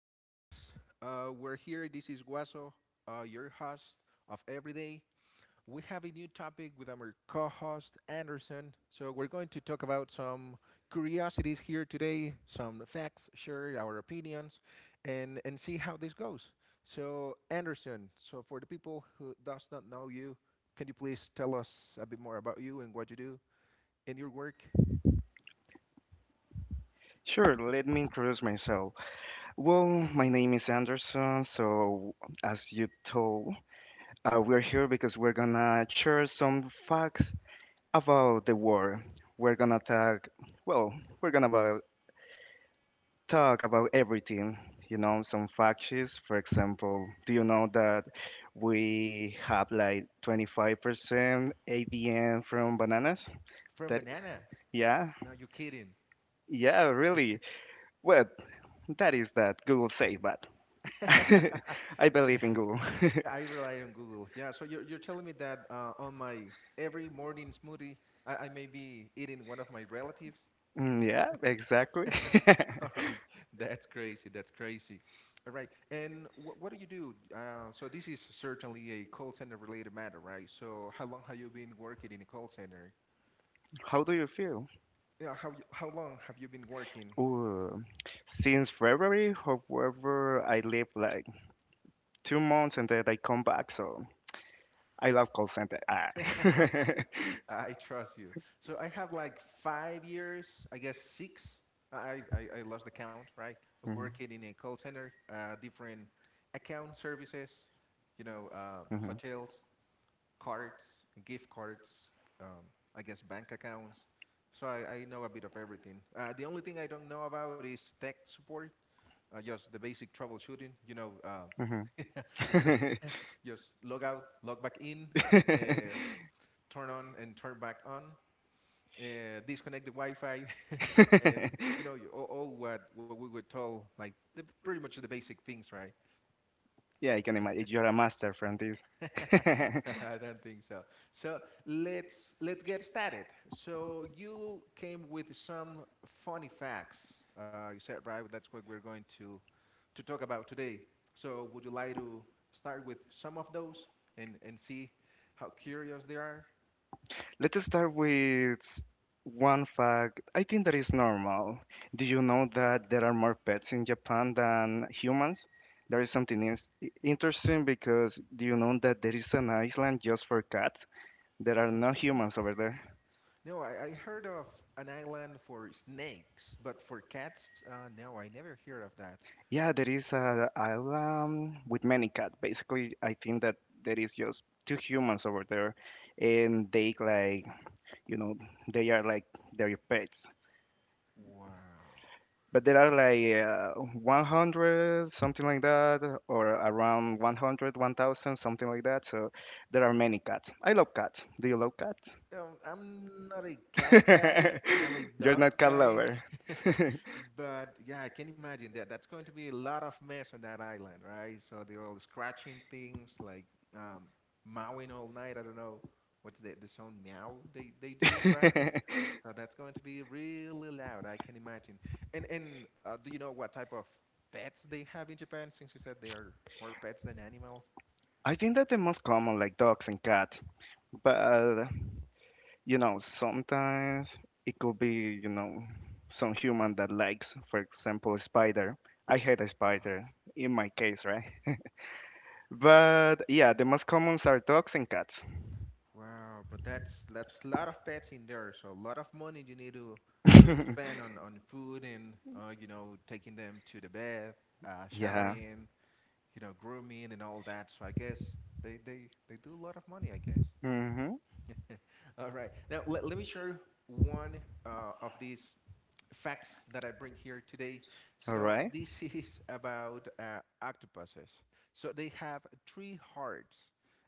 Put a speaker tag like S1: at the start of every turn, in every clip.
S1: all guys. We're here. This is Guaso, your host of Everyday. We have a new topic with our co host, Anderson. So, we're going to talk about some curiosities here today, some facts, share our opinions, and see how this goes. So, Anderson, so for the people who does not know you, can you please tell us a bit more about you and what you do in your work
S2: Sure, let me introduce myself. Well, my name is Anderson. So, as you told, we're here because we're gonna share some facts about the war. We're gonna talk, well, we're gonna about, talk about everything, some facts. For example, do you know that we have like 25% ADN from bananas?
S1: from
S2: That,
S1: bananas?
S2: yeah,
S1: No, you're kidding.
S2: yeah, really. Well, that is that Google say, but. I believe in Google.
S1: Yeah, I rely on Google. Yeah, so you're telling me that on my every morning smoothie, I may be eating one of my relatives.
S2: Yeah, exactly.
S1: All right, that's crazy. That's crazy. All right, and what do you do? So this is certainly a call center related matter, right? So how long have you been working in a call center?
S2: How do you feel?
S1: Yeah, how long have you been working?
S2: Ooh, since February, however, I live like 2 months and then I come back, so I love call center. Ah.
S1: I trust you. So I have like 5 years, I guess six. I lost the count, right? Of working in a call center, different account services,
S2: Mhm, mhm,
S1: hotels, cards, gift cards, um, I guess bank accounts. So I know a bit of everything. The only thing I don't know about is tech support, just the basic troubleshooting,
S2: mhm.
S1: just log out, log back in, uh, turn on and turn back on disconnect the Wi-Fi, and you, all what we were told, like the, pretty much the basic things, right?
S2: Yeah, I can imagine you're a master from this.
S1: I don't think so. So let's get started. So you came with some funny facts. You said right, that's what we're going to talk about today. So would you like to start with some of those and see how curious they are?
S2: Let's start with one fact I think that is normal. Do you know that there are more pets in Japan than humans? There is something is interesting because do you know that there is an island just for cats? There are no
S1: Okay.
S2: humans over there.
S1: No, I heard of an island for snakes, but for cats, no, I never heard of that.
S2: Yeah, there is an island with many cats. Basically, I think that there is just two humans over there, and they like, you know they are like their pets.
S1: Wow.
S2: But there are like 100, something like that, or around 100, 1000, something like that. So there are many cats. I love cats. Do you love cats?
S1: I'm not a cats guy. I'm a
S2: You're
S1: dogs
S2: not cat
S1: guy.
S2: lover.
S1: But yeah, I can imagine that that's going to be a lot of mess on that island, right? So they're all scratching things, like um, mowing all night. I don't know what's the sound meow they do, right? So that's going to be really loud, I can imagine. And do you know what type of pets they have in Japan? Since you said they are more pets than animals.
S2: I think that the most common, like dogs and cats, but sometimes it could be, some human that likes, for example, a spider. I hate a spider in my case, right? But yeah, the most commons are dogs and cats.
S1: Wow, but that's a lot of pets in there, so a lot of money you need to spend on food and taking them to the bath,
S2: Yeah.
S1: showering, grooming and all that. So I guess they do a lot of money, I guess.
S2: Mm-hmm.
S1: All right, now let me share one of these facts that I bring here today.
S2: All
S1: So
S2: right.
S1: this is about octopuses. So they have three hearts,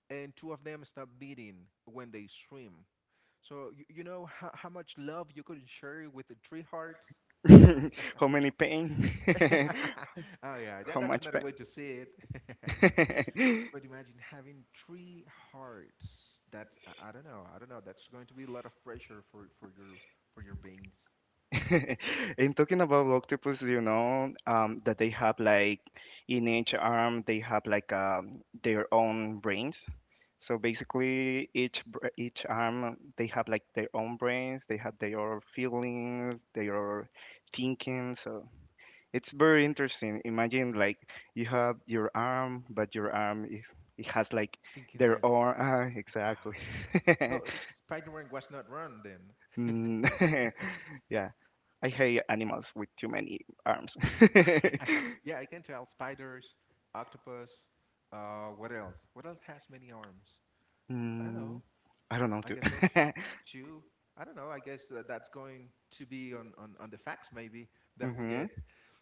S1: and two of them stop beating when they swim. So you know how much love you could share with the three hearts.
S2: How many pain?
S1: Oh yeah, that,
S2: How
S1: that's
S2: much
S1: another
S2: pain?
S1: way to see it. But imagine having three hearts. That's I don't know. I don't know. That's going to be a lot of pressure for your veins.
S2: And talking about octopus, that they have like in each arm they have like their own brains. So basically, each arm they have like their own brains. They have their own feelings, their own thinking. So. It's very interesting. Imagine like you have your arm, but your arm is it has like
S1: Thinking
S2: their
S1: back,
S2: own. Ah,
S1: wow.
S2: exactly.
S1: So Spider-Man was not run then.
S2: Mm, yeah, I hate animals with too many arms.
S1: Yeah, I can tell spiders, octopus, what else? What else has many arms? I don't
S2: mm,
S1: know.
S2: I don't know
S1: I
S2: too.
S1: guess those two. I don't know. I guess that's going to be on the facts maybe that we
S2: hmm
S1: get.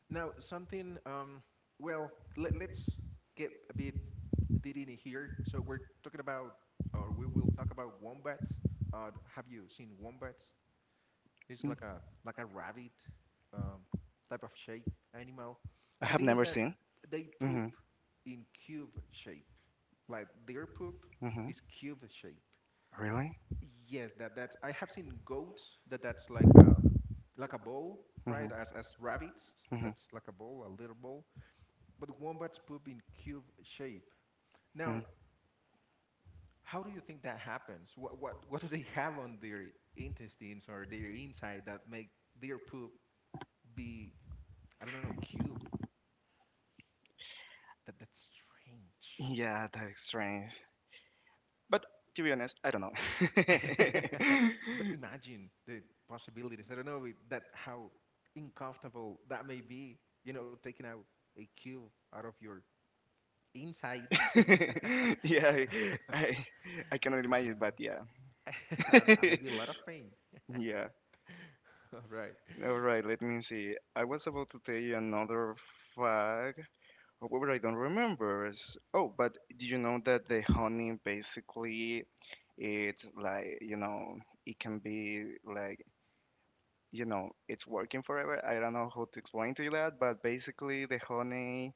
S1: Now, something, well, let's get a bit dirty here. So we're talking about, or we will talk about wombats. Have you seen wombats? It's like a rabbit um, type of shape animal.
S2: I
S1: The
S2: have
S1: thing is
S2: never
S1: that
S2: seen.
S1: they poop
S2: Hmm.
S1: in cube shape. Like their poop
S2: Hmm.
S1: is cube shape.
S2: Really?
S1: Yes, that's I have seen goats that's like a bowl, right?
S2: Hmm.
S1: As rabbits,
S2: Hmm.
S1: that's like a bowl, a little bowl. But wombats poop in cube shape. Now,
S2: Hmm.
S1: how do you think that happens? What what do they have on their intestines or their inside that make their poop be I don't know cube? That's strange.
S2: Yeah, that is strange. But to be honest, I don't know.
S1: But imagine the possibilities. I don't know that how uncomfortable that may be. Taking out a cube out of your inside.
S2: Yeah,
S1: So,
S2: I I cannot
S1: I don't
S2: imagine, but yeah.
S1: know. That may be a lot of pain.
S2: Yeah.
S1: All right.
S2: All right, let me see. I was about to tell you another fact. However, I don't remember. Oh, but do you know that the honey basically it's like, it can be like, it's working forever. I don't know how to explain to you that, but basically the honey,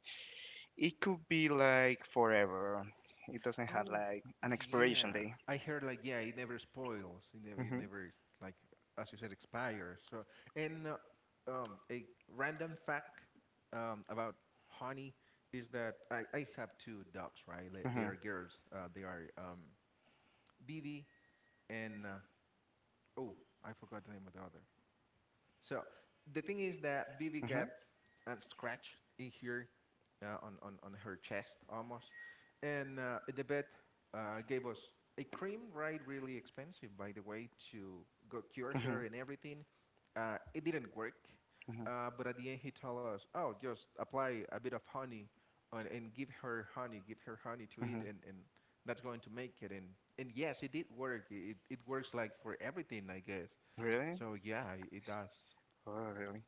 S2: it could be like forever. It doesn't have
S1: Oh,
S2: like an expiration
S1: yeah.
S2: day.
S1: I heard like yeah, it never spoils. It never, it
S2: hmm
S1: never like as you said expires. So and a random fact about honey is that I have two dogs, right? They are girls. They are BB and oh, I forgot the name of the other. So the thing is that Bibi
S2: Uh-huh.
S1: got scratched in here on her chest almost. And the vet gave us a cream, right? Really expensive, by the way, to go cure
S2: Uh-huh.
S1: her and everything. It didn't work.
S2: Uh-huh.
S1: But at the end, he told us, oh, just apply a bit of honey on, and give her honey to eat,
S2: Uh-huh.
S1: and that's going to make it. And yes, it did work. It works like for everything, I guess.
S2: Really?
S1: So yeah, it does.
S2: Oh, really?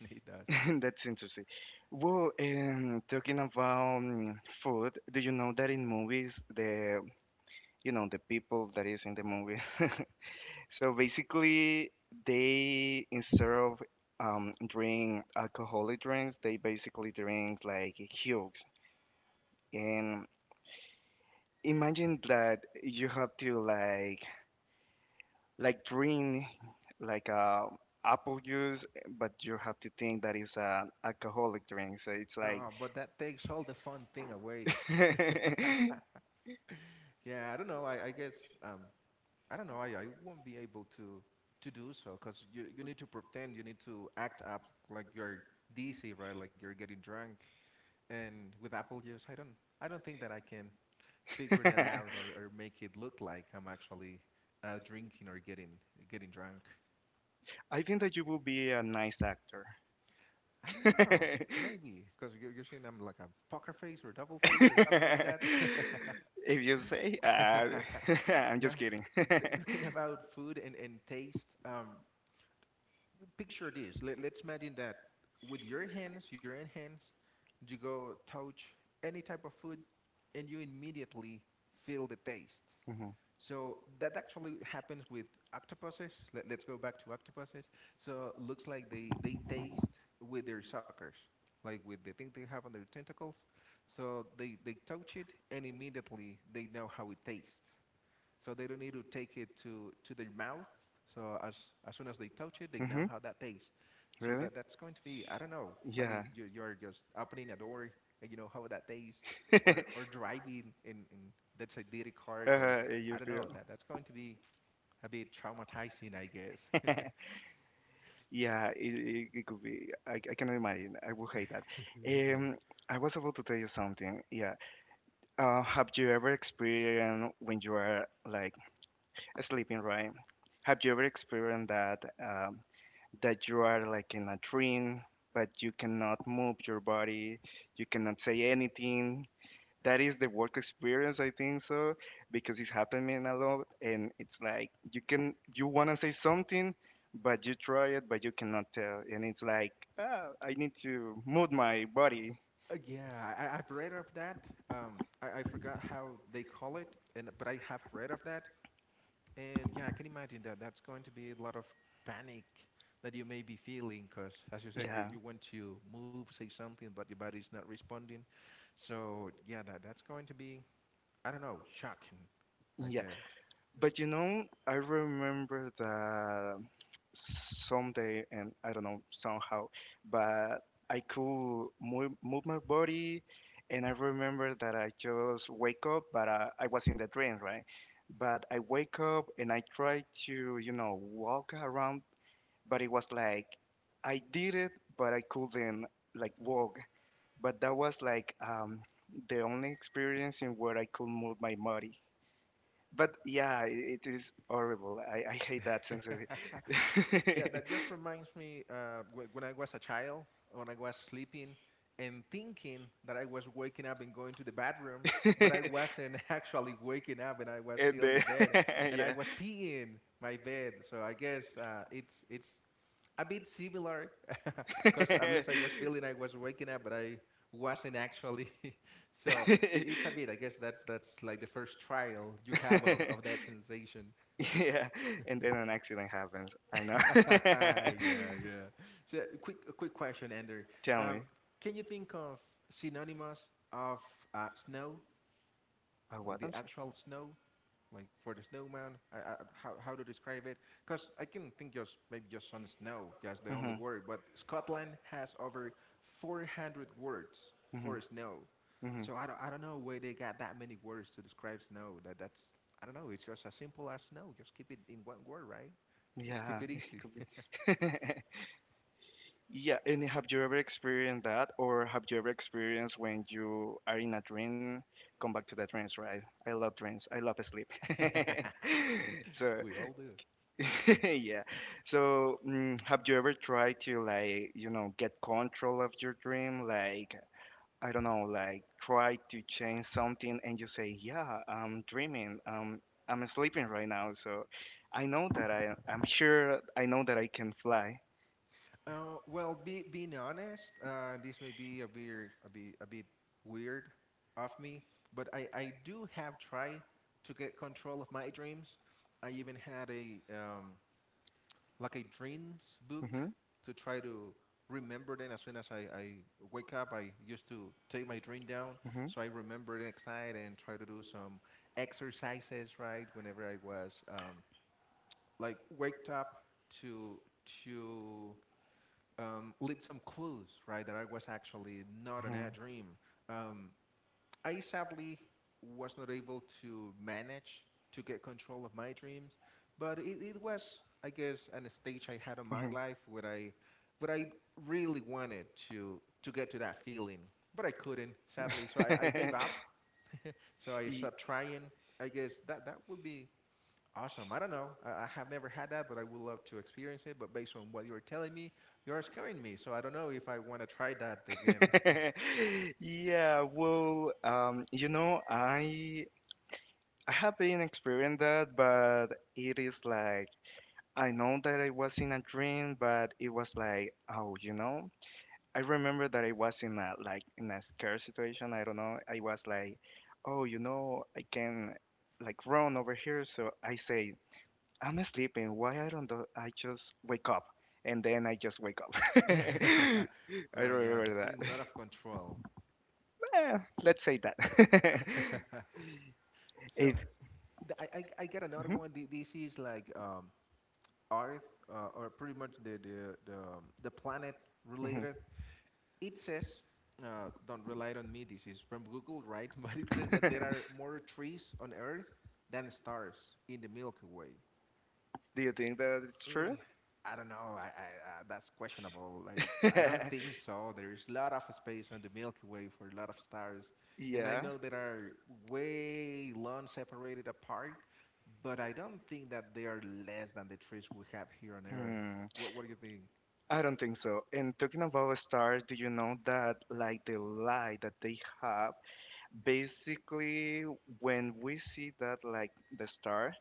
S1: It does.
S2: That's interesting. Well, talking about food, do you know that in movies, the you know the people that is in the movie, so basically they instead of drink alcoholic drinks, they basically drink like huge. And imagine that you have to like drink like apple juice, but you have to think that it's an alcoholic drink. So it's like,
S1: But that takes all the fun thing away. Yeah, I don't know. I guess I don't know. I won't be able to do so because you need to pretend, you need to act up like you're DC, right? Like you're getting drunk. And with Apple use, I don't think that I can figure that out or make it look like I'm actually drinking or getting drunk.
S2: I think that you will be a nice actor.
S1: I don't know. Maybe because you're seeing I'm like a poker face or double face or something like that.
S2: If you say, I'm just
S1: Now,
S2: kidding.
S1: talking about food and taste, picture this. Let's imagine that with your hands, your own hands, you go touch any type of food and you immediately feel the taste.
S2: Hmm.
S1: So that actually happens with octopuses. Let's go back to octopuses. So looks like they taste with their suckers, like with the thing they have on their tentacles. So they touch it and immediately they know how it tastes so they don't need to take it to their mouth. So as soon as they touch it, they
S2: Hmm.
S1: know how that tastes. So
S2: Really?
S1: that's going to be I don't know.
S2: Yeah.
S1: Minding you, you're just opening a door and you know how that tastes, or driving in let's say diddy card or
S2: You
S1: I don't
S2: feel.
S1: know that's going to be a bit traumatizing, I guess.
S2: Yeah, it could be. I cannot imagine. I would hate that. I was about to tell you something. Yeah. Have you ever experienced when you are like sleeping, right? Have you ever experienced that that you are like in a dream, but you cannot move your body, you cannot say anything, that is the work experience. I think so because it's happening a lot, and it's like you want to say something, but you try it but you cannot tell, and it's like I need to move my body.
S1: Yeah, I've read of that. I forgot how they call it, and but I have read of that. And yeah, I can imagine that that's going to be a lot of panic that you may be feeling because, as you said, you,
S2: Yeah.
S1: you want to move, say something, but your body's not responding. So yeah, that's going to be, I don't know, shocking, I guess.
S2: But I remember that someday, and I don't know somehow, but I could move my body, and I remember that I just wake up, but I was in the dream, right? But I wake up and I try to, walk around, but it was like I did it, but I couldn't like walk. But that was like the only experience in where I could move my body. But yeah, it is horrible. I hate that sensory.
S1: Yeah, that just reminds me when I was a child, when I was sleeping and thinking that I was waking up and going to the bathroom, but I wasn't actually waking up and I was
S2: And
S1: still in the bed and I
S2: yeah.
S1: was peeing my bed. So I guess it's a bit similar because at least I was feeling I was waking up, but I wasn't actually. So it's a bit. I guess that's like the first trial you have of that sensation.
S2: Yeah, and then an accident happens. I know.
S1: Yeah, yeah. So quick a quick question, Andrew.
S2: Tell me.
S1: Um, can you think of synonymous of snow, like
S2: What?
S1: the
S2: I'm sorry.
S1: actual snow? Like for the snowman, how to describe it, because I can think just maybe just on snow, just the only
S2: Hmm.
S1: word. But Scotland has over 400 words
S2: Hmm.
S1: for snow,
S2: Hmm.
S1: so I don't know where they got that many words to describe snow. That's, I don't know, it's just as simple as snow, just keep it in one word, right? Let's keep
S2: Yeah,
S1: it
S2: it
S1: easy.
S2: could be. Yeah, and have you ever experienced that, or have you ever experienced when you are in a dream, come back to the dreams, right? I love dreams. I love sleep. So,
S1: We all do.
S2: yeah. So, have you ever tried to like, get control of your dream? Like, I don't know, like try to change something and you say, "Yeah, I'm dreaming. I'm sleeping right now." So, I know that I'm sure I know that I can fly.
S1: Well, being honest, this may be a bit weird of me, but I do have tried to get control of my dreams. I even had a like a dreams book
S2: Hmm.
S1: to try to remember them as soon as I wake up. I used to take my dream down
S2: Hmm.
S1: so I remember the next night and try to do some exercises, right? Whenever I was like waked up to to leave some clues, right, that I was actually not in a dream. Um, I sadly was not able to manage to get control of my dreams, but it was, I guess, an stage I had in my
S2: Hmm.
S1: life where I really wanted to get to that feeling, but I couldn't, sadly. So I gave up. So I
S2: Y-
S1: stopped trying. I guess that would be awesome. I don't know. I have never had that, but I would love to experience it. But based on what you're telling me, you're scaring me. So I don't know if I want to try that again.
S2: Yeah, well, I have been experienced that, but it is like I know that I was in a dream, but it was like, oh, I remember that I was in a scare situation. I don't know. I was like, oh, I can like run over here. So I say I'm sleeping. Why I don't do, I just wake up and then I just wake up. I
S1: Well,
S2: don't
S1: yeah, that's
S2: remember that.
S1: getting a lot of control.
S2: Eh, let's say that.
S1: So
S2: if
S1: th- I, I, I got another
S2: mhm,
S1: one. This is like Earth, or pretty much the the planet
S2: mhm.
S1: related. It says, don't rely on me. This is from Google, right? But it says that there are more trees on Earth than stars in the Milky Way.
S2: Do you think that it's
S1: Mm,
S2: true?
S1: I don't know. That's questionable. I don't think so. There is a lot of space on the Milky Way for a lot of stars, and I
S2: Yeah.
S1: know there are way long separated apart, but I don't think that they are less than the trees we have here on Earth.
S2: Hmm.
S1: What do you think?
S2: I don't think so. And talking about stars, do you know that like the light that they have, basically when we see that like the star,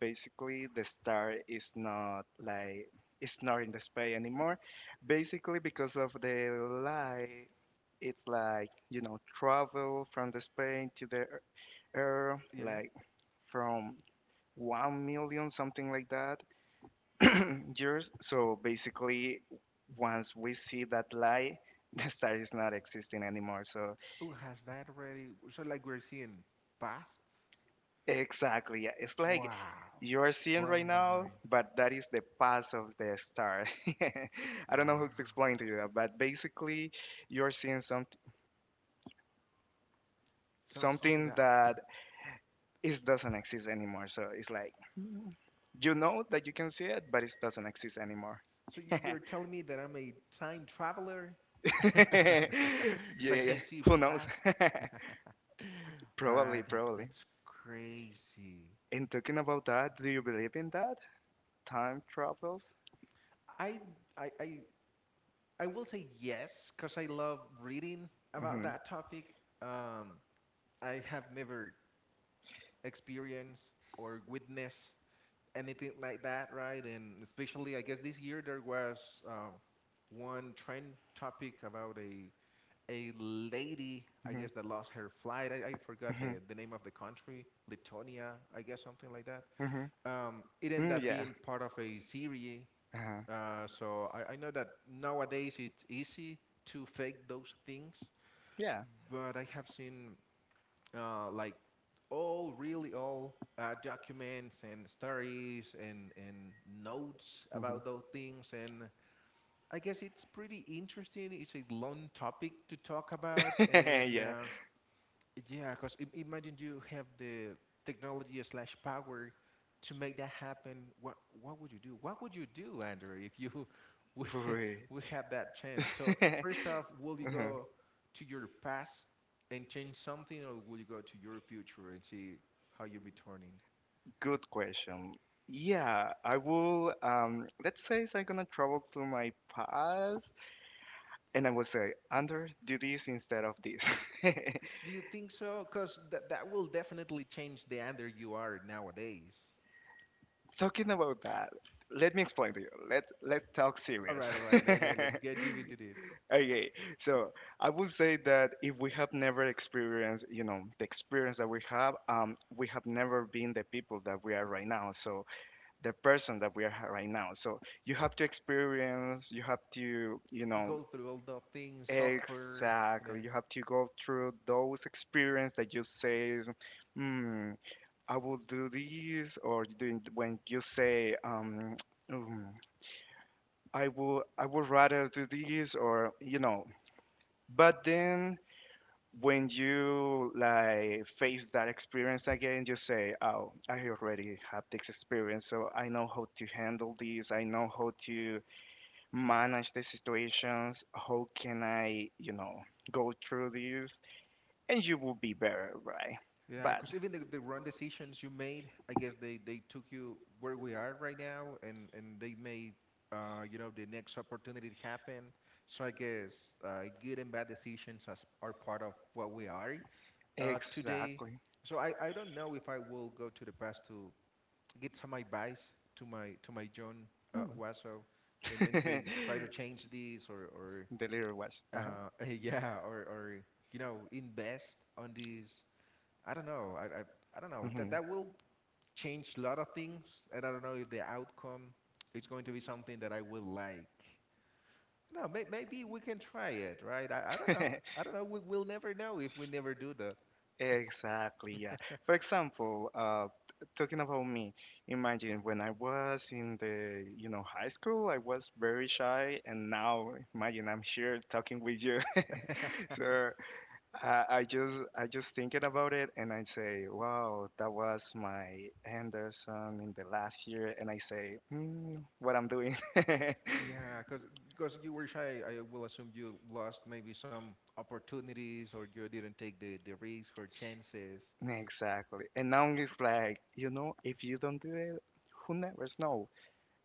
S2: basically the star is not, like, it's not in the sky anymore, basically because of the light. It's like travel from the space to the air,
S1: Yeah, yeah.
S2: like, from 1 million something like that years. So basically once we see that light, the star is not existing anymore, so.
S1: Oh, has that already? So like we're seeing past?
S2: Exactly. Yeah. It's like
S1: Wow,
S2: you are seeing right
S1: blowing my
S2: now,
S1: mind.
S2: but that is the path of the star. I don't know
S1: Wow.
S2: how to explain to you that, but basically you're seeing some
S1: Sounds something
S2: something
S1: that.
S2: that is doesn't exist anymore. So it's like you know that you can see it, but it doesn't exist anymore.
S1: So you're telling me that I'm a time traveler? Because I
S2: Yeah,
S1: can see
S2: who knows?
S1: past. Right,
S2: Probably,
S1: that
S2: probably.
S1: that's crazy.
S2: And talking about that, do you believe in that? Time travels?
S1: I I I, I will say yes because I love reading about
S2: Mm-hmm,
S1: that topic. Um, I have never experienced or witnessed anything like that, right? And especially, I guess this year there was one trend topic about a lady, I
S2: mm-hmm,
S1: guess, that lost her flight. I forgot
S2: mm-hmm,
S1: the name of the country, Lithuania, I guess, something like that,
S2: mm-hmm.
S1: it ended
S2: Mm,
S1: up
S2: yeah.
S1: being part of a series.
S2: Uh-huh.
S1: So I know that nowadays it's easy to fake those things,
S2: Yeah.
S1: but I have seen like all really all documents and stories and notes about
S2: Hmm.
S1: those things, and I guess it's pretty interesting. It's a long topic to talk about, and
S2: Yeah.
S1: yeah, because imagine you have the technology slash power to make that happen. What would you do? What would you do, Andrew, if you would,
S2: Wait.
S1: would have that chance? So first off, will you
S2: Uh-huh.
S1: go to your past and change something, or will you go to your future and see how you'll be turning?
S2: Good question. Yeah, I will. Let's say I'm gonna travel through my past, and I will say, "Under, do this instead of this."
S1: Do you think so? Because that will definitely change the Andrew you are nowadays.
S2: Talking about that, let me explain to you. Let's talk
S1: All
S2: serious.
S1: right, all right. Let's get deep into deep.
S2: Okay, so I would say that if we have never experienced, the experience that we have never been the people that we are right now. So the person that we are right now. So you have to experience, you have to,
S1: Go through all the things, software.
S2: exactly, you have to go through those experience that you say, hmm, I will do this, or doing when you say, "Mm, I would rather do this, or. But then when you like face that experience again, you say, oh, I already have this experience, so I know how to handle this. I know how to manage the situations? How can I, go through this? And you will be better, right?
S1: Yeah,
S2: But
S1: because even the wrong decisions you made, I guess they took you where we are right now, and they made you know the next opportunity happen. So I guess good and bad decisions as, are part of what we are today.
S2: exactly.
S1: So I don't know if I will go to the past to get some advice to my John Wasso
S2: Hmm.
S1: and say try to change this or
S2: The little was. Uh-huh.
S1: yeah or invest on this, I don't know. I don't know. That
S2: Hmm.
S1: that will change a lot of things, and I don't know if the outcome is going to be something that I will like. No, maybe we can try it, right? I don't know. I don't know. We will never know if we never do that.
S2: exactly, yeah. For example, talking about me, imagine when I was in the, high school, I was very shy, and now imagine I'm here talking with you. So I just thinking about it and I say, wow, that was my Anderson in the last year, and I say, what I'm doing.
S1: Yeah, because you were shy, I will assume you lost maybe some opportunities or you didn't take the risk or chances.
S2: Exactly. And now it's like, if you don't do it, who never know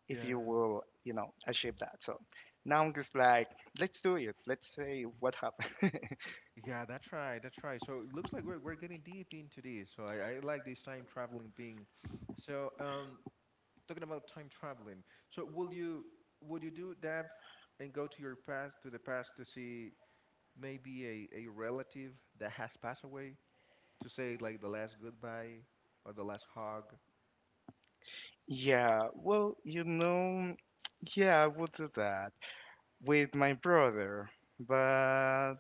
S2: if you
S1: Yeah.
S2: will, achieve that. So now it's like, let's do it. Let's say what happened.
S1: Yeah, that's right. That's right. So it looks like we're getting deep into this. So I like this time traveling thing. So talking about time traveling. So will you would you do that and go to your past to the past to see maybe a relative that has passed away to say like the last goodbye or the last hug?
S2: Yeah, well, yeah, I would do that with my brother, but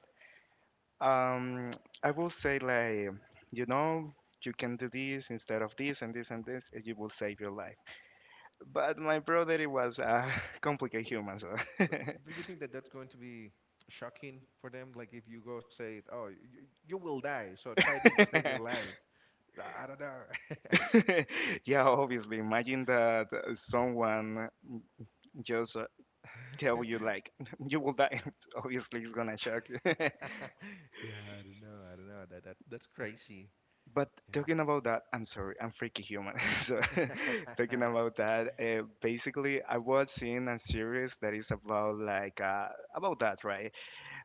S2: Um, I will say like, you know, you can do this instead of this and this and this, and you will save your life. But my brother, he was a complicated human, so.
S1: But don't you think that that's going to be shocking for them? Like if you go say, "Oh, you will die, so try this to save your life." I don't know.
S2: Yeah, obviously. Imagine that someone just tell you like you will die. Obviously, it's gonna shock you.
S1: Yeah, I don't know. I don't know. That's crazy.
S2: But talking about that, I'm sorry, I'm freaky human. so talking
S1: Yeah.
S2: about that, basically, I was seeing a series that is about like about that, right?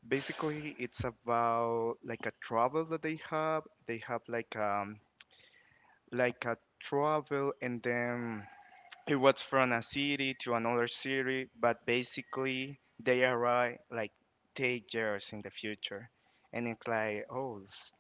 S2: Basically, it's about like a travel that they have. They have like a travel, and then it was from a city to another city, but basically they arrive like 10 years in the future, and it's like oh,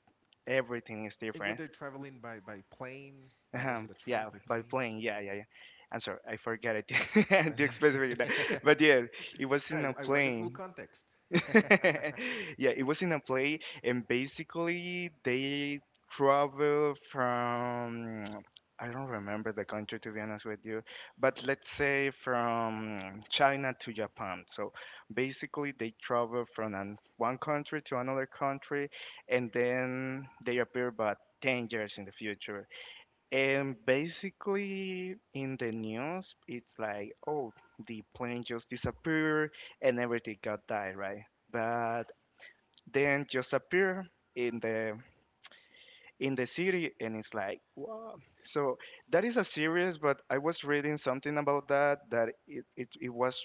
S2: everything is
S1: And were
S2: different.
S1: they traveling by plane? Was it a train
S2: Yeah,
S1: by
S2: by
S1: plane?
S2: plane. Yeah, yeah, yeah. I'm sorry, I forgot it. the expression for that. But yeah, it was
S1: No,
S2: in a
S1: I want the full
S2: plane.
S1: context.
S2: Yeah, it was in a plane. And basically they travel from, I don't remember the country to be honest with you, but let's say from China to Japan. So basically, they travel from one country to another country, and then they appear but 10 years in the future. And basically, in the news, it's like, oh, the plane just disappeared and everything got died, right? But then just appear in the city, and it's like, wow. So that is a series, but I was reading something about that, that it was,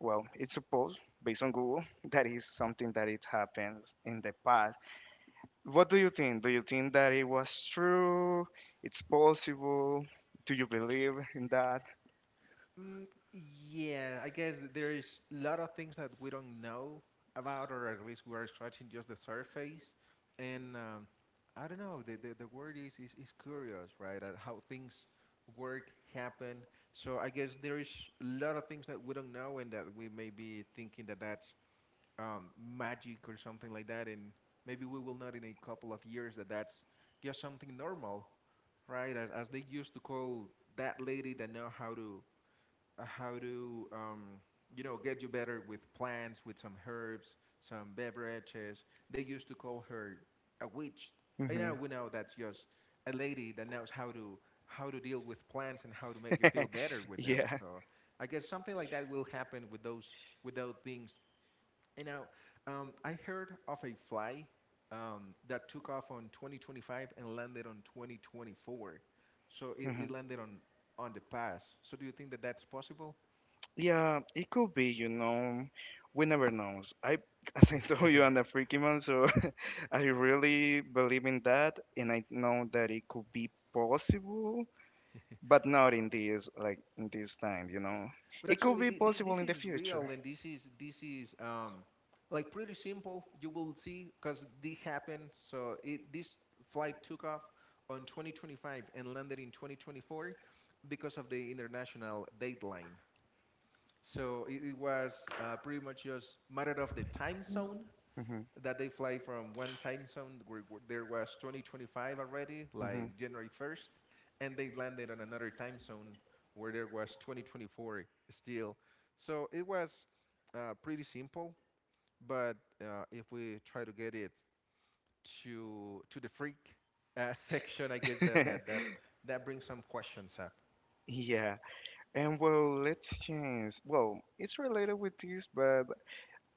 S2: well, it's supposed based on Google that is something that it happens in the past. What do you think? Do you think that it was true? It's possible? Do you believe in that?
S1: Mm, yeah, I guess there is a lot of things that we don't know about, or at least we are scratching just the surface. And I don't know, the word is curious, right? At how things work, happen. So I guess there is a lot of things that we don't know, and that we may be thinking that that's magic or something like that, and maybe we will not in a couple of years that that's just something normal, right? As they used to call that lady that know how to you know get you better with plants, with some herbs, some beverages. They used to call her a witch. And
S2: Hmm.
S1: now we know that's just a lady that knows how to deal with plants and how to make you feel better with them.
S2: Yeah.
S1: So I guess something like that will happen with those without things you know, I heard of a fly that took off on 2025 and landed on 2024. So it,
S2: Hmm.
S1: it landed on the past. So do you think that that's possible?
S2: Yeah, it could be, you know. We never knows. I, as I told you, I'm a freaky man, so I really believe in that, and I know that it could be possible, but not in this, like in this time, you know.
S1: But
S2: It could
S1: actually,
S2: be
S1: the, the,
S2: possible
S1: this
S2: in the
S1: is
S2: future.
S1: real, and this is like pretty simple. You will see because this happened. So it this flight took off on 2025 and landed in 2024 because of the international dateline. So it was pretty much just matter of the time zone
S2: Hmm.
S1: that they fly from one time zone where there was 2025 already,
S2: Hmm.
S1: like January 1st, and they landed on another time zone where there was 2024 still. So it was pretty simple, but if we try to get it to the freak section, I guess that that that that brings some questions up.
S2: Yeah. And well, let's change. Well, it's related with this, but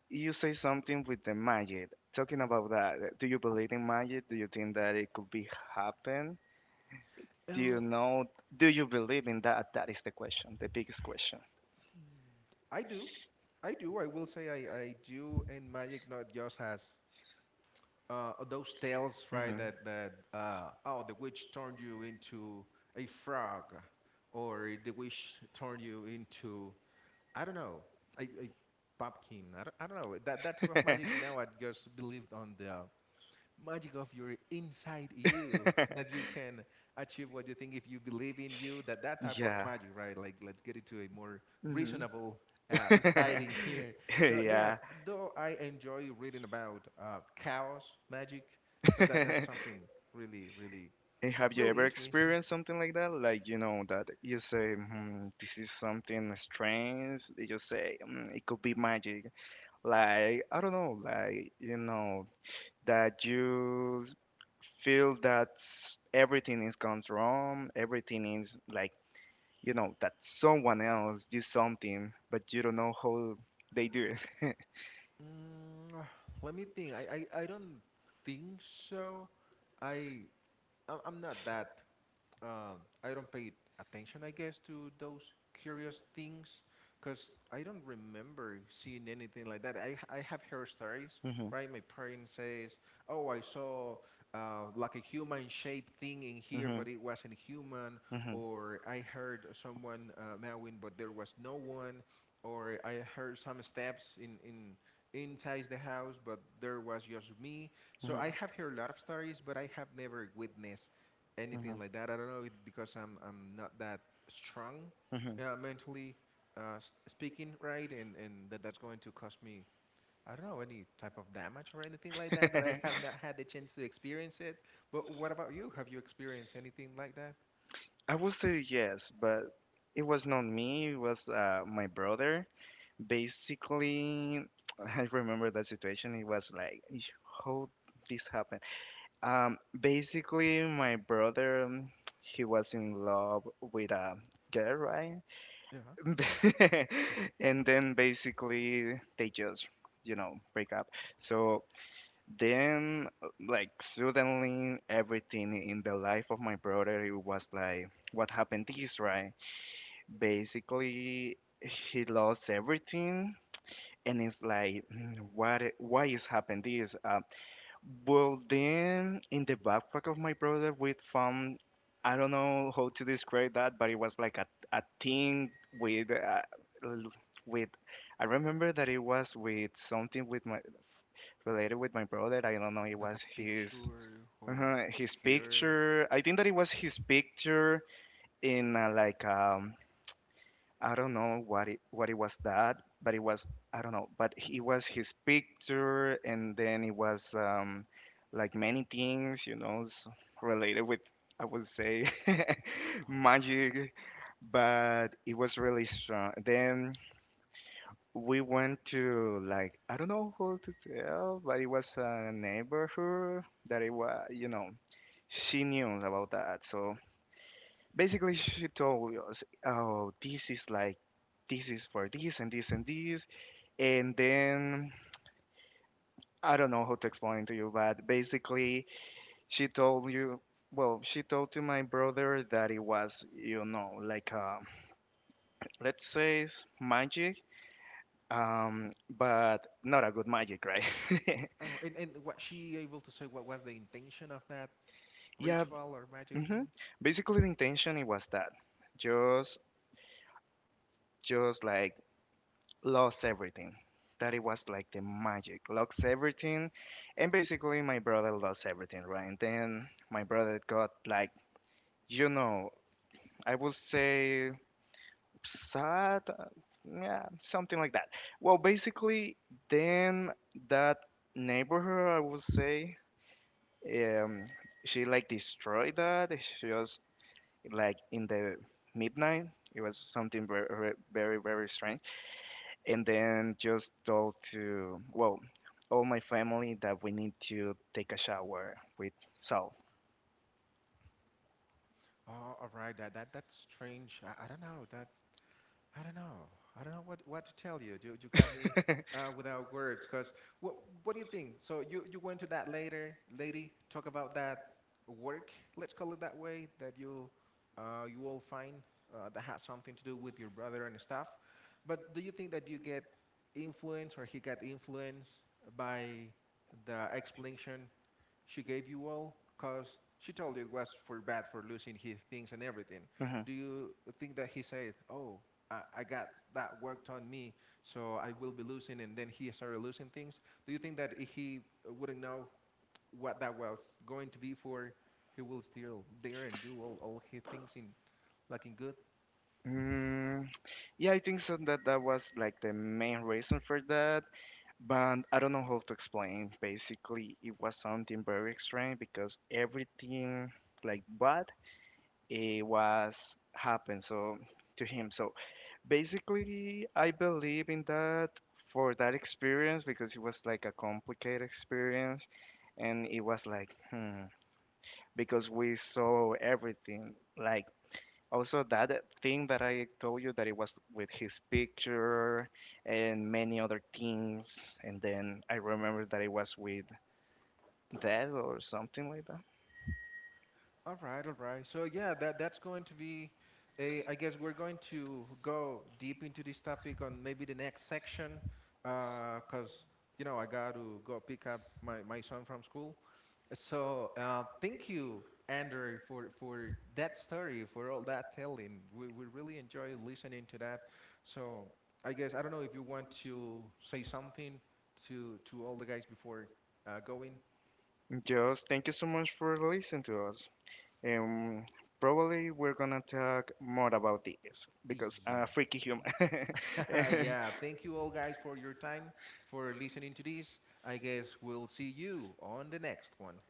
S2: you say something with the magic. Talking about that, do you believe in magic? Do you think that it could be happen? Do
S1: Uh,
S2: you know? Do you believe in that? That is the question, the biggest question.
S1: I do. I do. I will say I do. And Magic not just has those tales, right?
S2: Hmm.
S1: That oh, the witch turned you into a frog, or the witch turned you into I don't know a pumpkin. I don't know that type of magic. Now I just believed on the magic of your inside you that you can achieve what you think if you believe in you that type of
S2: Yeah.
S1: magic right like let's get it to a more
S2: Hmm.
S1: reasonable siding here so yeah
S2: Yeah.
S1: though I enjoy reading about chaos magic so that's something really really
S2: And have you
S1: really
S2: ever
S1: interesting.
S2: experienced something like that? Like, you know, that you say, hmm, this is something strange. They just say, mm, it could be magic. Like, I don't know, like, you know, that you feel that everything is gone wrong, everything is like, you know, that someone else do something, but you don't know how they do it.
S1: Mm, let me think. I don't think so. I I- i'm not that I don't pay attention, I guess, to those curious things because I don't remember seeing anything like that. I have heard stories,
S2: Hmm.
S1: right? My parents says, "Oh, I saw like a human-shaped thing in here,
S2: Hmm.
S1: but it wasn't human,"
S2: Hmm.
S1: or I heard someone meowing, but there was no one, or I heard some steps in inside the house, but there was just me. So
S2: Hmm.
S1: I have heard a lot of stories, but I have never witnessed
S2: Hmm.
S1: anything like that. I don't know it because I'm not that strong mentally speaking, right? And that that's going to cause me I don't know any type of damage or anything like that that I
S2: Hmm.
S1: have not had the chance to experience it. But what about you? Have you experienced anything like that?
S2: I will say yes, but it was not me, it was my brother. Basically, I remember that situation. It was like, "Ish, how this happened?" Basically, my brother, he was in love with a girl, right?
S1: Yeah,
S2: And then basically, they just, you know, break up. So then, like, suddenly, everything in the life of my brother, it was like, what happened this, right? Basically he lost everything and it's like, "Hmm, what why is happened this?" Well then in the backpack of my brother we found, I don't know how to describe that, but it was like a thing with l- with I remember that it was with something with my, related with my brother, I don't know, it
S1: like a
S2: was
S1: picture or his
S2: his
S1: hair.
S2: picture, I think that it was his picture in I don't know what it was that, but it was, I don't know, but it was his picture, and then it was like many things, you know, s related with, I would say
S1: Wow.
S2: magic, but it was really strong. Then we went to like, I don't know who to tell, but it was a neighborhood that it was, you know, she knew about that, so basically she told us, oh this is like, this is for this and this and this, and then I don't know how to explain to you, but basically she told you, well she told to my brother that it was, you know, like let's say it's magic, but not a good magic, right?
S1: Oh, and was she able to say what was the intention of that
S2: Yeah.
S1: ritual or magic
S2: Hmm.
S1: thing?
S2: Basically the intention it was that just just like lost everything. That it was like the magic, lost everything, and basically my brother lost everything, right? And then my brother got like, you know, I would say sad, yeah, something like that. Well, basically, then that neighborhood, I would say, um, she like destroyed that. She was like in the midnight. It was something very, very, very strange, and then just told to, well, all my family that we need to take a shower with salt.
S1: Oh, all right. That's strange. I don't know. That I don't know. I don't know what to tell you. You got me without words. Cause what what do you think? So you went to that later lady talk about that work. Let's call it that way. That you you all find that has something to do with your brother and stuff. But do you think that you get influenced or he got influenced by the explanation she gave you all? Because she told you it was for bad for losing his things and everything.
S2: Mhm.
S1: Do you think that he said, oh, I got that worked on me, so I will be losing, and then he started losing things? Do you think that if he wouldn't know what that was going to be for, he will still dare and do all his things in like in good?
S2: Mm, yeah, I think so that that was like the main reason for that, but I don't know how to explain. Basically it was something very extreme because everything like bad it was happened so to him, so basically I believe in that for that experience because it was like a complicated experience and it was like, hmm, because we saw everything. Like, also that thing that I told you that it was with his picture and many other things. And then I remember that it was with death or something like that.
S1: All right, all right. So yeah, that that's going to be a I guess we're going to go deep into this topic on maybe the next section cause you know, I got to go pick up my son from school. So, thank you Andrew for that story, for all that telling. We really enjoy listening to that. So, I guess I don't know if you want to say something to all the guys before going.
S2: Just thank you so much for listening to us. Um, probably we're gonna talk more about this because I'm
S1: Yeah.
S2: a freaky human.
S1: Yeah, thank you all guys for your time, for listening to this. I guess we'll see you on the next one.